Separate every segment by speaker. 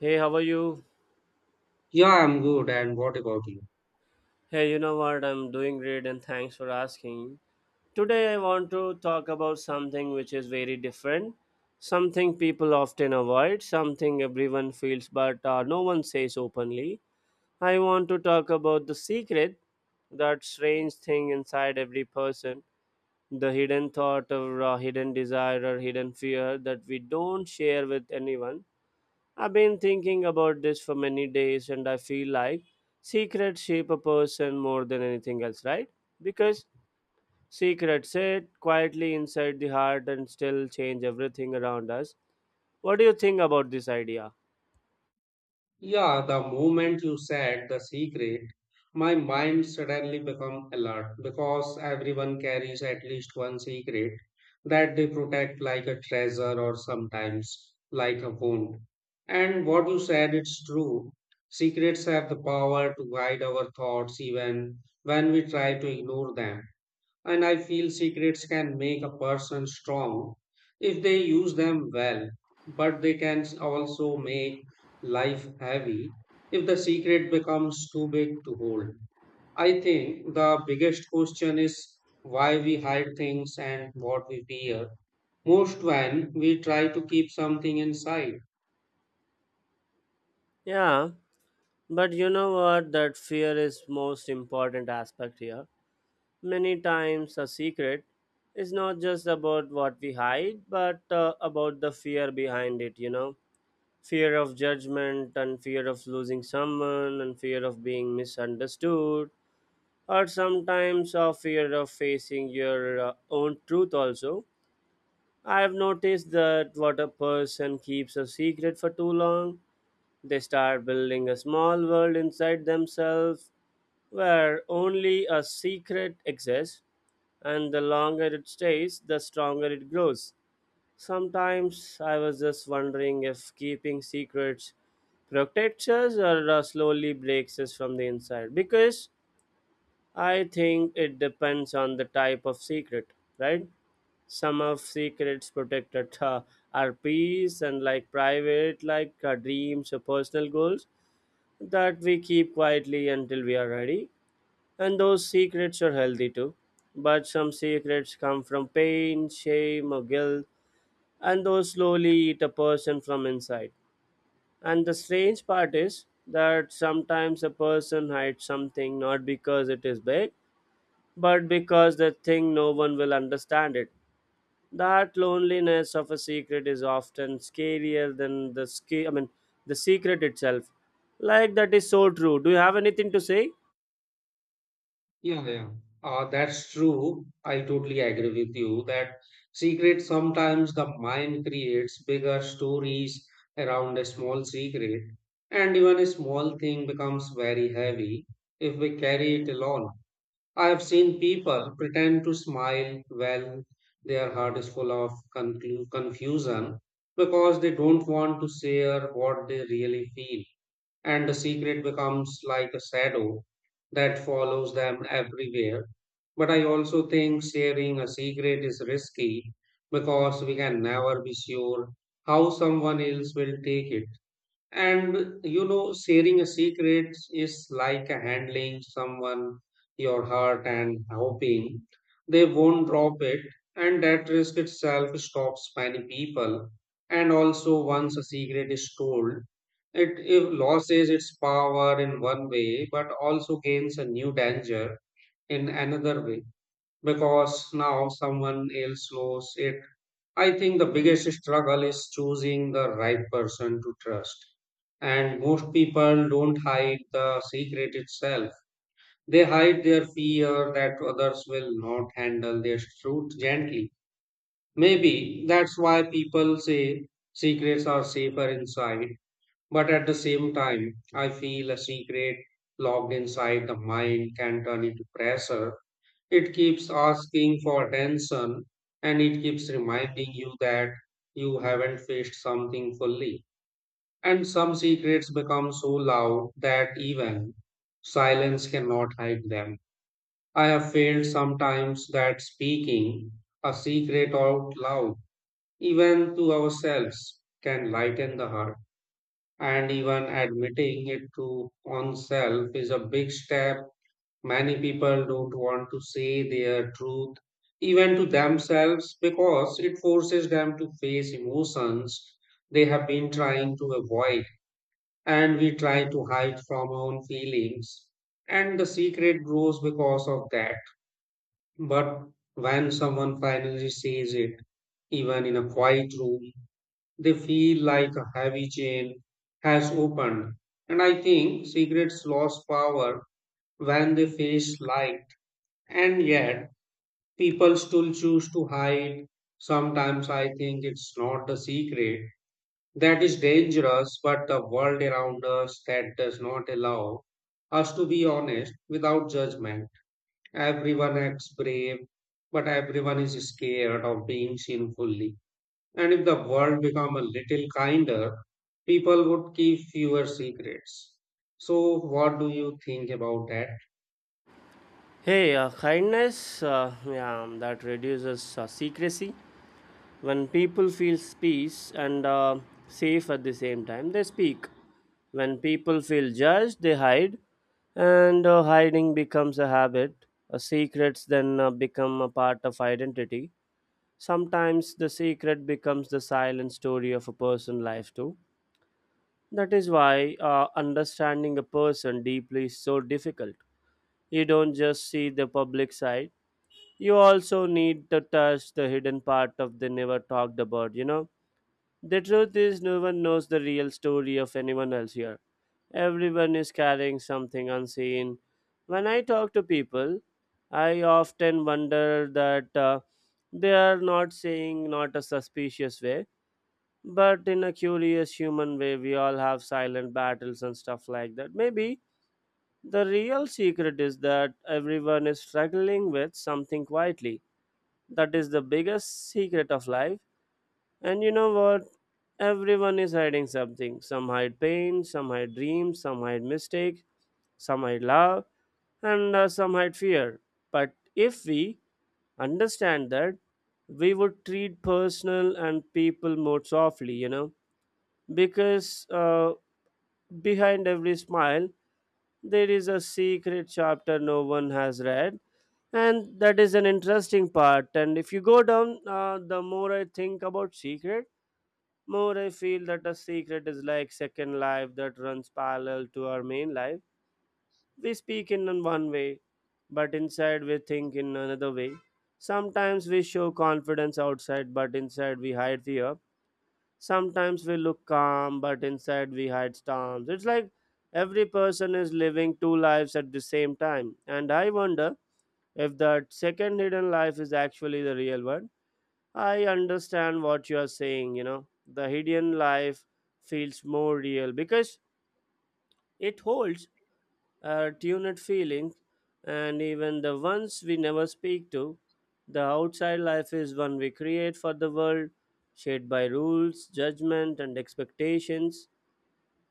Speaker 1: Hey, how are you?
Speaker 2: Yeah, I'm good. And what about you?
Speaker 1: Hey, you know what? I'm doing great and thanks for asking. Today, I want to talk about something which is very different, something people often avoid, something everyone feels but no one says openly. I want to talk about the secret, that strange thing inside every person, the hidden thought or hidden desire or hidden fear that we don't share with anyone. I've been thinking about this for many days and I feel like secrets shape a person more than anything else, right? Because secrets sit quietly inside the heart and still change everything around us. What do you think about this idea?
Speaker 2: Yeah, the moment you said the secret, my mind suddenly become alert because everyone carries at least one secret that they protect like a treasure or sometimes like a wound. And what you said, it's true. Secrets have the power to guide our thoughts even when we try to ignore them. And I feel secrets can make a person strong if they use them well, but they can also make life heavy if the secret becomes too big to hold. I think the biggest question is why we hide things and what we fear most when we try to keep something inside.
Speaker 1: Yeah, but you know what? That fear is most important aspect here. Many times a secret is not just about what we hide, but about the fear behind it. Fear of judgment and fear of losing someone and fear of being misunderstood or sometimes a fear of facing your own truth also. I have noticed that what a person keeps a secret for too long, they start building a small world inside themselves where only a secret exists, and the longer it stays the stronger it grows. Sometimes I was just wondering if keeping secrets protects us or slowly breaks us from the inside. Because I think it depends on the type of secret, right? Some of secrets protected are peace and like private, like dreams or personal goals that we keep quietly until we are ready. And those secrets are healthy too. But some secrets come from pain, shame, or guilt, and those slowly eat a person from inside. And the strange part is that sometimes a person hides something not because it is big, but because they think no one will understand it. That loneliness of a secret is often scarier than I mean the secret itself. Like that is so true. Do you have anything to say?
Speaker 2: Yeah, yeah. That's true. I totally agree with you that secret sometimes the mind creates bigger stories around a small secret, and even a small thing becomes very heavy if we carry it alone. I have seen people pretend to smile while their heart is full of confusion because they don't want to share what they really feel and the secret becomes like a shadow that follows them everywhere. But I also think sharing a secret is risky because we can never be sure how someone else will take it. And you know, sharing a secret is like handling someone your heart and hoping they won't drop it, and that risk itself stops many people. And also, once a secret is told, it loses its power in one way, but also gains a new danger in another way because now someone else knows it. I think the biggest struggle is choosing the right person to trust. And most people don't hide the secret itself. They hide their fear that others will not handle their truth gently. Maybe that's why people say secrets are safer inside. But at the same time, I feel a secret locked inside the mind can turn into pressure. It keeps asking for attention and it keeps reminding you that you haven't faced something fully. And some secrets become so loud that even silence cannot hide them. I have felt sometimes that speaking a secret out loud, even to ourselves, can lighten the heart. And even admitting it to oneself is a big step. Many people don't want to say their truth, even to themselves, because it forces them to face emotions they have been trying to avoid. And we try to hide from our own feelings. And the secret grows because of that. But when someone finally says it, even in a quiet room, they feel like a heavy chain has opened. And I think secrets lost power when they face light. And yet, people still choose to hide. Sometimes I think it's not the secret that is dangerous, but the world around us that does not allow us to be honest without judgment. Everyone acts brave, but everyone is scared of being seen fully. And if the world become a little kinder, people would keep fewer secrets. So, what do you think about that?
Speaker 1: Hey, kindness, yeah, that reduces secrecy. When people feel peace and safe at the same time, they speak. When people feel judged, they hide, and hiding becomes a habit. Secrets then become a part of identity. Sometimes the secret becomes the silent story of a person's life too. That is why understanding a person deeply is so difficult. You don't just see the public side. You also need to touch the hidden part of the never talked about. The truth is, no one knows the real story of anyone else here. Everyone is carrying something unseen. When I talk to people, I often wonder that they are not saying not a suspicious way, but in a curious human way. We all have silent battles and stuff like that. Maybe the real secret is that everyone is struggling with something quietly. That is the biggest secret of life, and you know what? Everyone is hiding something. Some hide pain, some hide dreams, some hide mistakes, some hide love, and some hide fear. But if we understand that, we would treat personal and people more softly, because behind every smile, there is a secret chapter no one has read. And that is an interesting part. And if you go down, the more I think about secret, more I feel that a secret is like second life that runs parallel to our main life. We speak in one way, but inside we think in another way. Sometimes we show confidence outside, but inside we hide fear. Sometimes we look calm, but inside we hide storms. It's like every person is living two lives at the same time. And I wonder if that second hidden life is actually the real one. I understand what you are saying. The hidden life feels more real because it holds our tuned feelings and even the ones we never speak to. The outside life is one we create for the world, shaped by rules, judgment, and expectations.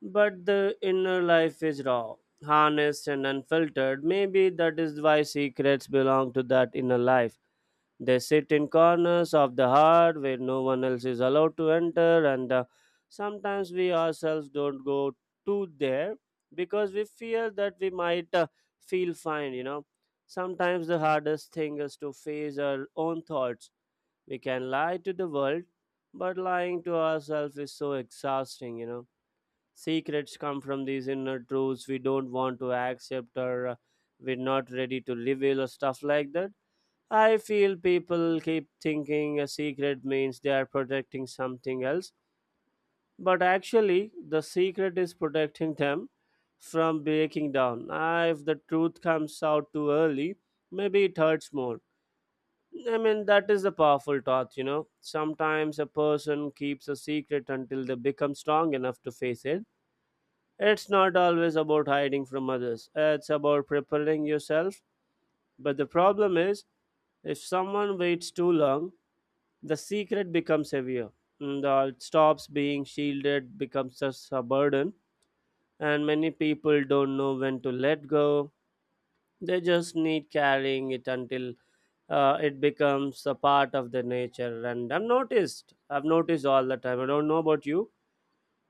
Speaker 1: But the inner life is raw, honest, and unfiltered. Maybe that is why secrets belong to that inner life. They sit in corners of the heart where no one else is allowed to enter, and sometimes we ourselves don't go to there because we fear that we might feel fine. Sometimes the hardest thing is to face our own thoughts. We can lie to the world, but lying to ourselves is so exhausting. Secrets come from these inner truths we don't want to accept or we're not ready to reveal or stuff like that. I feel people keep thinking a secret means they are protecting something else, but actually, the secret is protecting them from breaking down. If the truth comes out too early, maybe it hurts more. I mean, that is the powerful thought. Sometimes a person keeps a secret until they become strong enough to face it. It's not always about hiding from others, it's about preparing yourself. But the problem is, if someone waits too long, the secret becomes heavier. It stops being shielded, becomes just a burden, and many people don't know when to let go. They just need carrying it until it becomes a part of their nature. And I've noticed all the time. I don't know about you.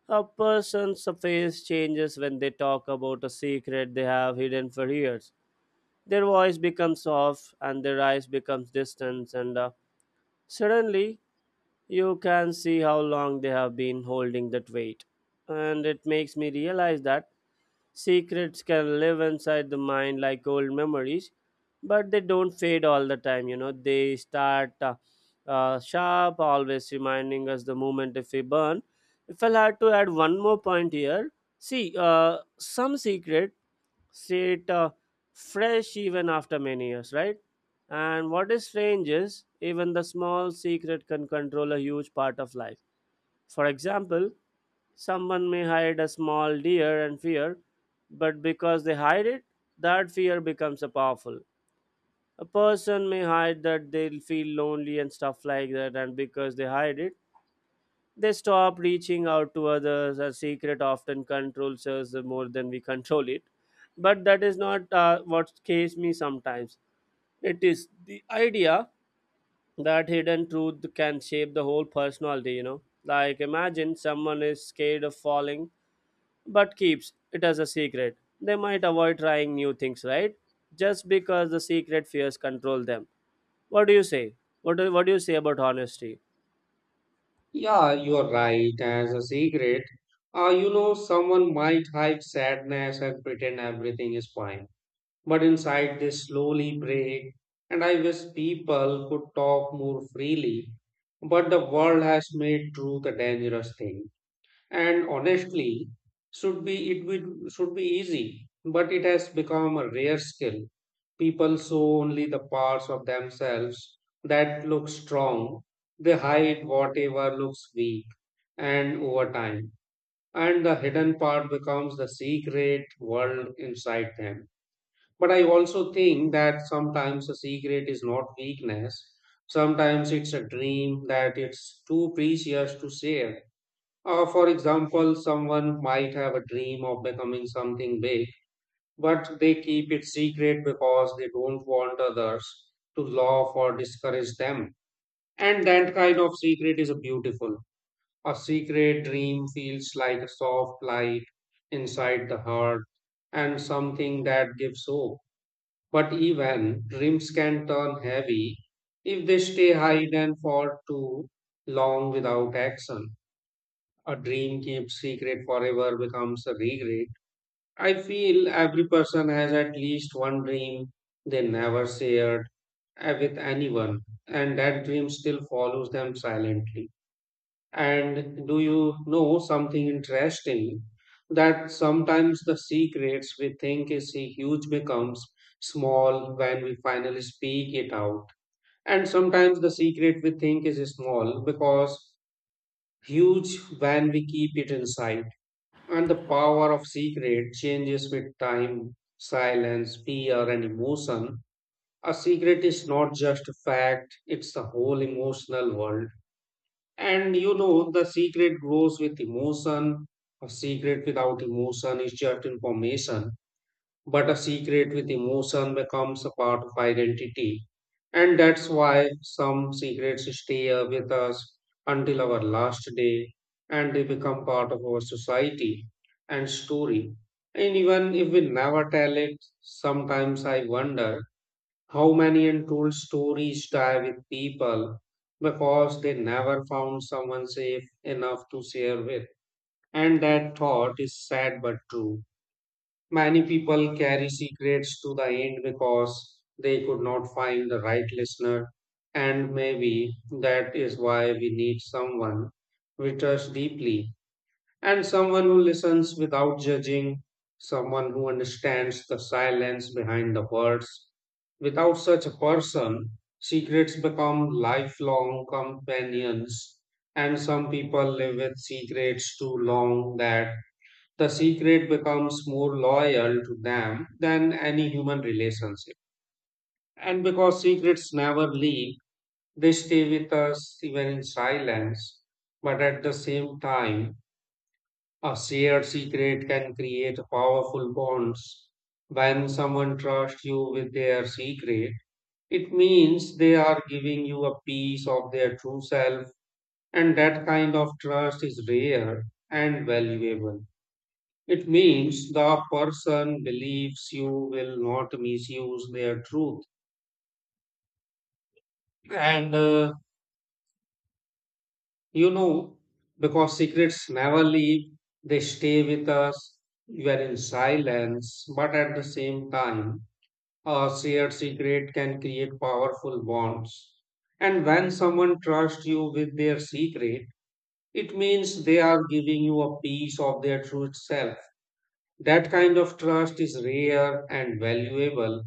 Speaker 1: A person's face changes when they talk about a secret they have hidden for years. Their voice becomes soft, and their eyes becomes distant, and suddenly, you can see how long they have been holding that weight. And it makes me realize that secrets can live inside the mind like old memories, but they don't fade all the time. You know, they start sharp, always reminding us the moment if we burn. If I had to add one more point here, see, some secret say it fresh even after many years, right? And what is strange is even the small secret can control a huge part of life. For example, someone may hide a small deer and fear, but because they hide it, that fear becomes a powerful. A person may hide that they'll feel lonely and stuff like that, and because they hide it, they stop reaching out to others. A secret often controls us more than we control it. But that is not what scares me sometimes. It is the idea that hidden truth can shape the whole personality. Like imagine someone is scared of falling but keeps it as a secret. They might avoid trying new things, right? Just because the secret fears control them. What do you say? What do you say about honesty?
Speaker 2: Yeah, you are right. As a secret, you know, someone might hide sadness and pretend everything is fine. But inside, they slowly break. And I wish people could talk more freely. But the world has made truth a dangerous thing and honestly should be it would should be easy, but it has become a rare skill. People show only the parts of themselves that look strong. They hide whatever looks weak and over time and the hidden part becomes the secret world inside them. But I also think that sometimes the secret is not weakness, sometimes it's a dream that it's too precious to share. For example, someone might have a dream of becoming something big, but they keep it secret because they don't want others to laugh or discourage them. And that kind of secret is a beautiful. A secret dream feels like a soft light inside the heart and something that gives hope. But even dreams can turn heavy if they stay hidden for too long without action. A dream kept secret forever becomes a regret. I feel every person has at least one dream they never shared with anyone, and that dream still follows them silently. And do you know something interesting? That sometimes the secrets we think is huge becomes small when we finally speak it out. And sometimes the secret we think is small because huge when we keep it inside and the power of secret changes with time, silence, fear, and emotion. A secret is not just a fact, it's the whole emotional world. And you know, the secret grows with emotion. A secret without emotion is just information. But a secret with emotion becomes a part of identity. And that's why some secrets stay with us until our last day and they become part of our society and story. And even if we never tell it, sometimes I wonder how many untold stories die with people because they never found someone safe enough to share with. And that thought is sad but true. Many people carry secrets to the end because they could not find the right listener, and maybe that is why we need someone we trust deeply and someone who listens without judging, someone who understands the silence behind the words. Without such a person, secrets become lifelong companions, and some people live with secrets too long that the secret becomes more loyal to them than any human relationship. And because secrets never leave, they stay with us even in silence. But at the same time, a shared secret can create powerful bonds. When someone trusts you with their secret, it means they are giving you a piece of their true self, and that kind of trust is rare and valuable. It means the person believes you will not misuse their truth. And you know, because secrets never leave, they stay with us. You are in silence, but at the same time, a shared secret can create powerful bonds. And when someone trusts you with their secret, it means they are giving you a piece of their true self. That kind of trust is rare and valuable.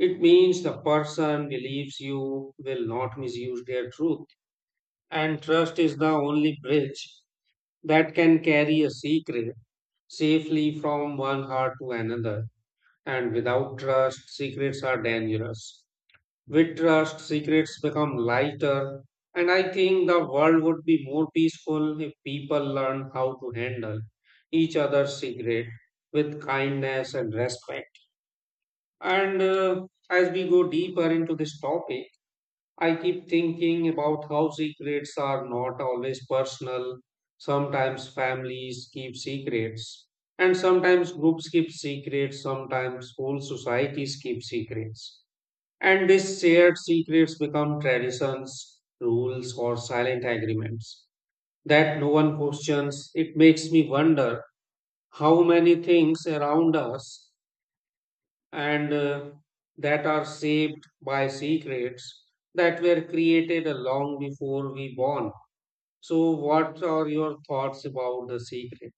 Speaker 2: It means the person believes you will not misuse their truth, and trust is the only bridge that can carry a secret safely from one heart to another. And without trust, secrets are dangerous. With trust, secrets become lighter, and I think the world would be more peaceful if people learn how to handle each other's secret with kindness and respect. And as we go deeper into this topic, I keep thinking about how secrets are not always personal. Sometimes families keep secrets, and sometimes groups keep secrets, sometimes whole societies keep secrets. And these shared secrets become traditions, rules, or silent agreements that no one questions. It makes me wonder how many things around us and that are shaped by secrets that were created long before we born. So, what are your thoughts about the secret?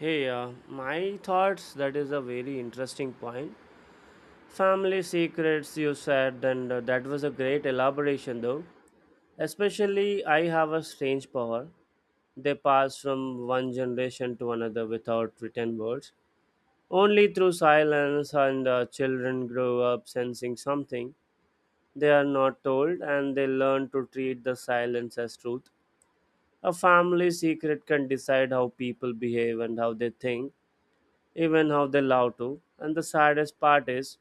Speaker 1: Hey, my thoughts. That is a very interesting point. Family secrets, you said, and that was a great elaboration, though. Especially, I have a strange power. They pass from one generation to another without written words. Only through silence, and children grow up sensing something. They are not told, and they learn to treat the silence as truth. A family secret can decide how people behave and how they think, even how they love to. And the saddest part is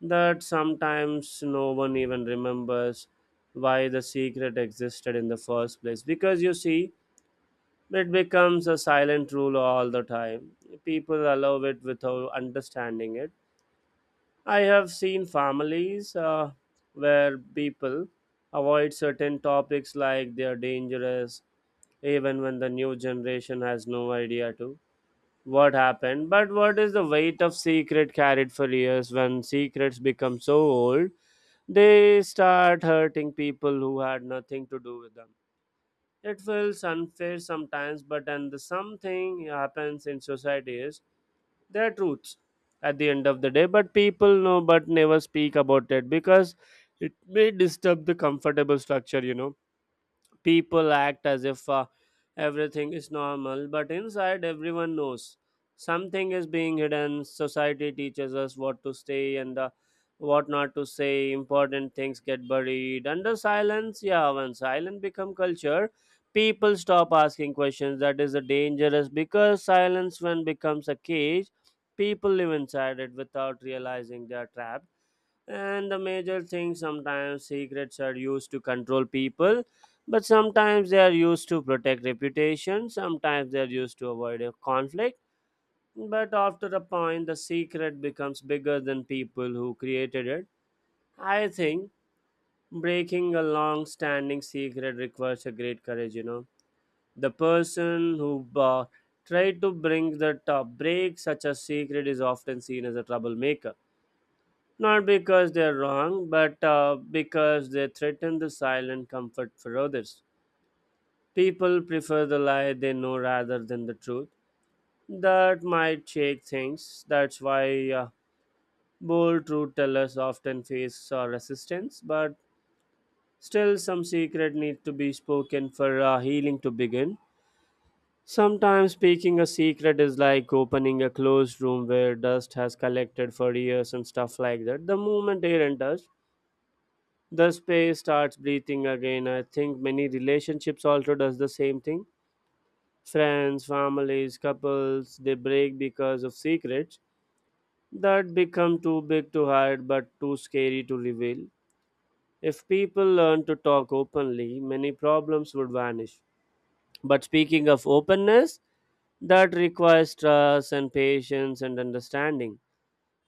Speaker 1: that sometimes no one even remembers why the secret existed in the first place. Because you see, it becomes a silent rule all the time. People allow it without understanding it. I have seen families where people avoid certain topics like they are dangerous, even when the new generation has no idea to what happened. But what is the weight of secret carried for years? When secrets become so old, they start hurting people who had nothing to do with them. It feels unfair sometimes, but and the something happens in society is, there are truths at the end of the day, but people know but never speak about it because it may disturb the comfortable structure. People act as if everything is normal, but inside everyone knows something is being hidden. Society teaches us what to say and what not to say. Important things get buried under silence. Yeah, when silence become culture, people stop asking questions. That is a dangerous because silence when becomes a cage, people live inside it without realizing they are trapped. And the major thing, sometimes secrets are used to control people, but sometimes they are used to protect reputation, sometimes they are used to avoid a conflict. But after a point, the secret becomes bigger than people who created it. I think breaking a long standing secret requires a great courage. The person who tried to bring that break such a secret is often seen as a troublemaker, not because they are wrong, but because they threaten the silent comfort for others. People prefer the lie they know rather than the truth. That might shake things. That's why bold truth tellers often face resistance, but still, some secret needs to be spoken for healing to begin. Sometimes speaking a secret is like opening a closed room where dust has collected for years and stuff like that. The moment air enters, the space starts breathing again. I think many relationships also does the same thing. Friends, families, couples, they break because of secrets that become too big to hide but too scary to reveal. If people learn to talk openly, many problems would vanish. But speaking of openness, that requires trust and patience and understanding,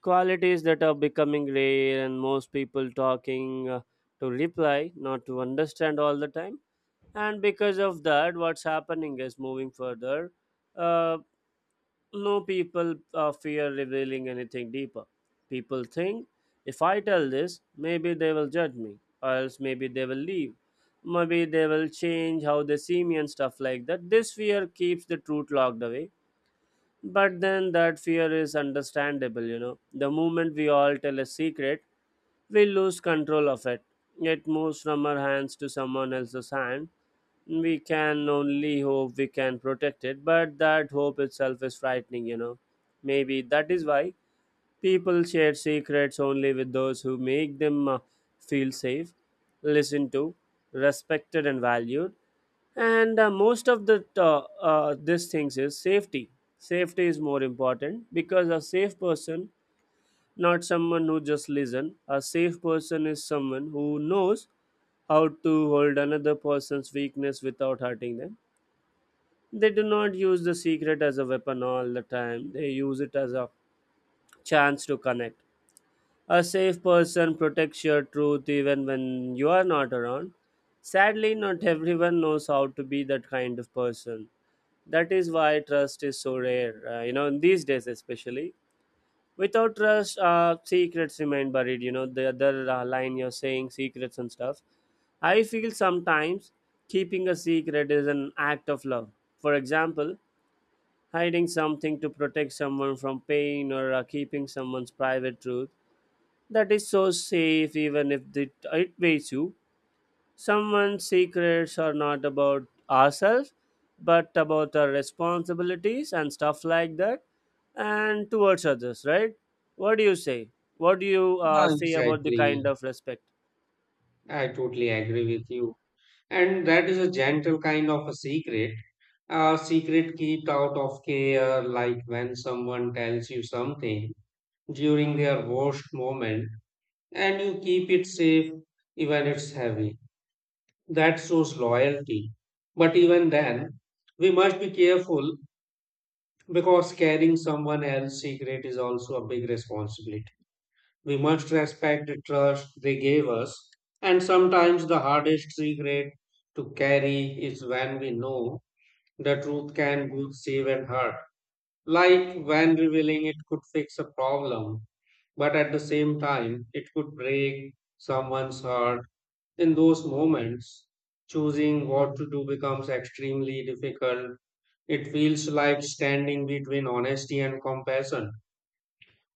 Speaker 1: qualities that are becoming rare. And most people talking to reply, not to understand all the time, and because of that, what's happening is moving further. uh, no, people fear revealing anything deeper. People think, if I tell this, maybe they will judge me, or else maybe they will leave, maybe they will change how they see me and stuff like that. This fear keeps the truth locked away. But then that fear is understandable. You know, the moment we all tell a secret, we lose control of it. It moves from our hands to someone else's hand. We can only hope we can protect it, but that hope itself is frightening, you know. Maybe that is why people share secrets only with those who make them feel safe, listened to, respected and valued. And most of the these things is safety. Safety is more important because a safe person, not someone who just listen, a safe person is someone who knows how to hold another person's weakness without hurting them. They do not use the secret as a weapon all the time, they use it as a chance to connect. A safe person protects your truth even when you are not around. Sadly, not everyone knows how to be that kind of person. That is why trust is so rare, you know, in these days especially. Without trust, secrets remain buried, you know, the other line you're saying, secrets and stuff. I feel sometimes keeping a secret is an act of love. For example, hiding something to protect someone from pain, or keeping someone's private truth that is so safe, even if it weighs you. Someone's secrets are not about ourselves, but about our responsibilities and stuff like that, and towards others, right? What do you say? What do you
Speaker 2: Yeah,
Speaker 1: say about the kind
Speaker 2: exactly.
Speaker 1: of respect?
Speaker 2: I totally agree with you. And that is a gentle kind of a secret kept out of care, like when someone tells you something during their worst moment and you keep it safe, even it's heavy. That shows loyalty. But even then, we must be careful because carrying someone else's secret is also a big responsibility. We must respect the trust they gave us, and sometimes the hardest secret to carry is when we know the truth can both save and hurt. Like when revealing it could fix a problem, but at the same time, it could break someone's heart in those moments, choosing what to do becomes extremely difficult. It feels like standing between honesty and compassion.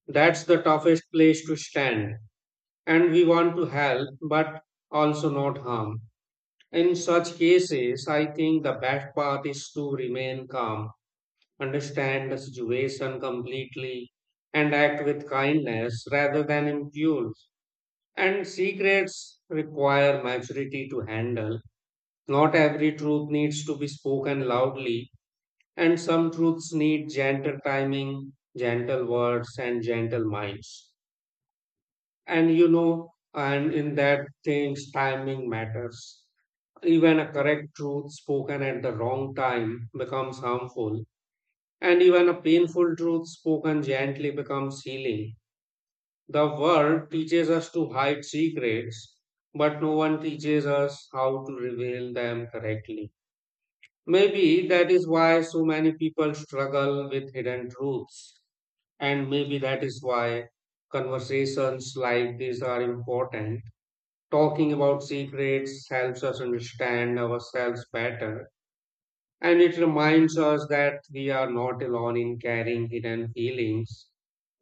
Speaker 2: That's the toughest place to stand. And we want to help, but also not harm. In such cases, I think the best path is to remain calm, understand the situation completely, and act with kindness rather than impulse. And secrets require maturity to handle. Not every truth needs to be spoken loudly, and some truths need gentle timing, gentle words, and gentle minds. And you know, and in that things, timing matters. Even a correct truth spoken at the wrong time becomes harmful, and even a painful truth spoken gently becomes healing. The world teaches us to hide secrets, but no one teaches us how to reveal them correctly. Maybe that is why so many people struggle with hidden truths. And maybe that is why conversations like these are important. Talking about secrets helps us understand ourselves better. And it reminds us that we are not alone in carrying hidden feelings.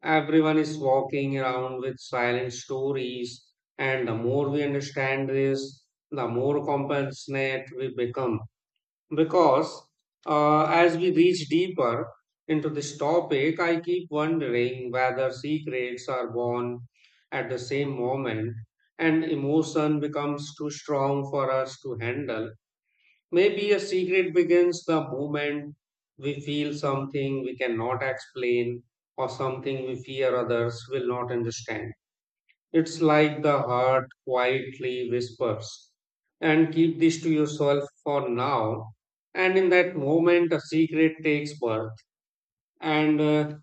Speaker 2: Everyone is walking around with silent stories. And the more we understand this, the more compassionate we become. Because as we reach deeper into this topic, I keep wondering whether secrets are born at the same moment and emotion becomes too strong for us to handle. Maybe a secret begins the moment we feel something we cannot explain or something we fear others will not understand. It's like the heart quietly whispers, and keep this to yourself for now. And in that moment, a secret takes birth. And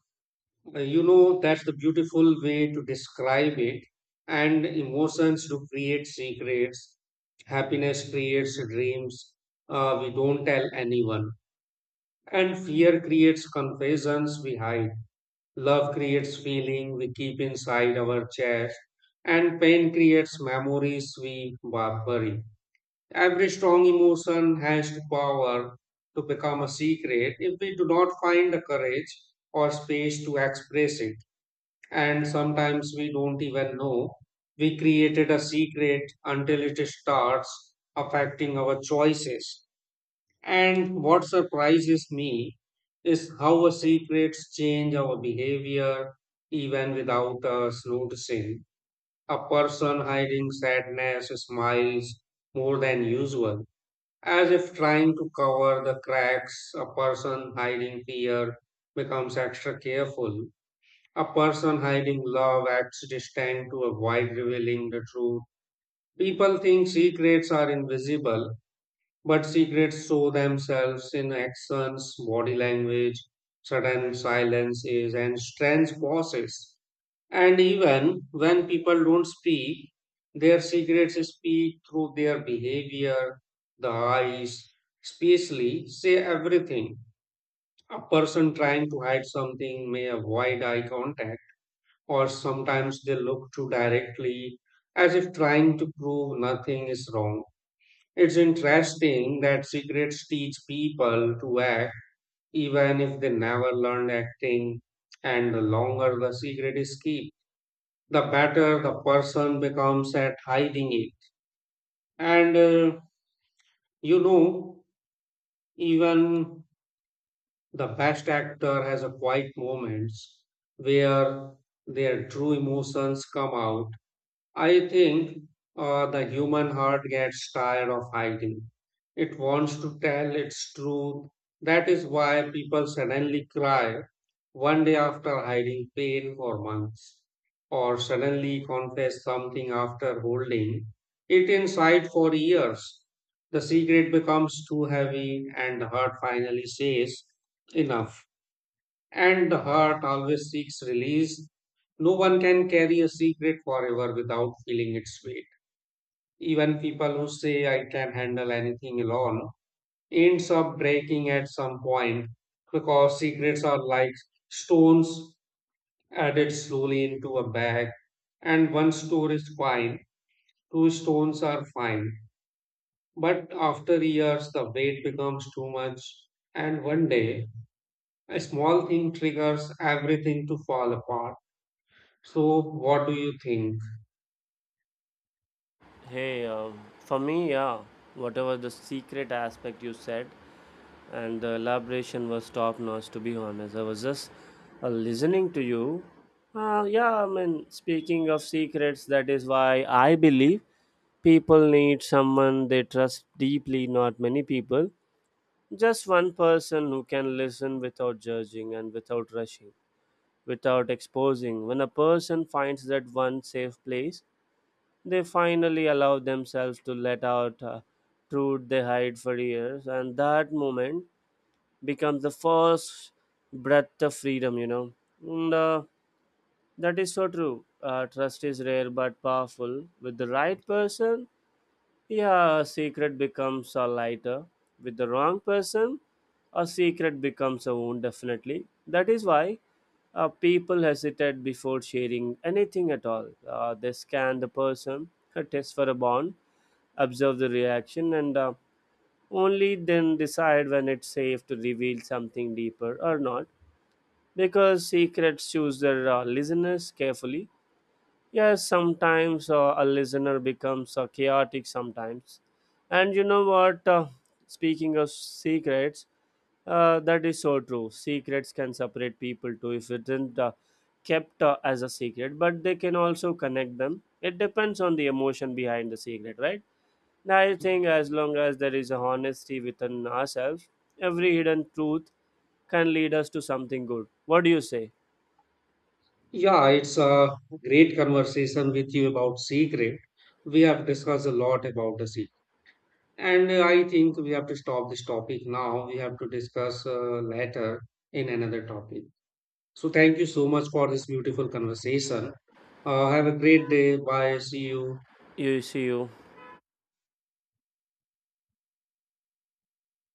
Speaker 2: you know, that's the beautiful way to describe it. And emotions do create secrets. Happiness creates dreams we don't tell anyone. And fear creates confessions we hide. Love creates feeling we keep inside our chest, and pain creates memories we bury. Every strong emotion has the power to become a secret if we do not find the courage or space to express it. And sometimes we don't even know we created a secret until it starts affecting our choices. And what surprises me is how our secrets change our behavior even without us noticing. A person hiding sadness smiles more than usual, as if trying to cover the cracks. A person hiding fear becomes extra careful. A person hiding love acts distant to avoid revealing the truth. People think secrets are invisible but secrets show themselves in actions, body language, sudden silences, and strange pauses. And even when people don't speak, their secrets speak through their behavior, the eyes, especially say everything. A person trying to hide something may avoid eye contact, or sometimes they look too directly as if trying to prove nothing is wrong. It's interesting that secrets teach people to act even if they never learned acting, and the longer the secret is kept, the better the person becomes at hiding it. And you know, even the best actor has a quiet moments where their true emotions come out. I think the human heart gets tired of hiding. It wants to tell its truth. That is why people suddenly cry one day after hiding pain for months, or suddenly confess something after holding it inside for years. The secret becomes too heavy, and the heart finally says, enough. And the heart always seeks release. No one can carry a secret forever without feeling its weight. Even people who say I can handle anything alone ends up breaking at some point because secrets are like stones added slowly into a bag. And one stone is fine, two stones are fine. But after years, the weight becomes too much, and one day, a small thing triggers everything to fall apart. So, what do you think?
Speaker 1: Hey, for me, yeah, whatever the secret aspect you said, and the elaboration was top notch, to be honest. I was just listening to you. Yeah, I mean, speaking of secrets, that is why I believe people need someone they trust deeply, not many people, just one person who can listen without judging and without rushing, without exposing. When a person finds that one safe place, they finally allow themselves to let out truth they hide for years, and that moment becomes the first breath of freedom, you know. And that is so true. Trust is rare but powerful with the right person. Yeah, a secret becomes a lighter with the wrong person a secret becomes a wound, definitely. That is why people hesitate before sharing anything at all. They scan the person, test for a bond, observe the reaction, and only then decide when it's safe to reveal something deeper or not, because secrets choose their listeners carefully. Yes, sometimes a listener becomes chaotic sometimes. And you know what? Speaking of secrets, that is so true. Secrets can separate people too if it isn't kept as a secret, but they can also connect them. It depends on the emotion behind the secret, right? And I think, as long as there is a honesty within ourselves, every hidden truth can lead us to something good. What do you say?
Speaker 2: Yeah, it's a great conversation with you about secret. We have discussed a lot about the secret. And I think we have to stop this topic now. We have to discuss later in another topic. So, thank you so much for this beautiful conversation. Have a great day. Bye. See you.
Speaker 1: You see you.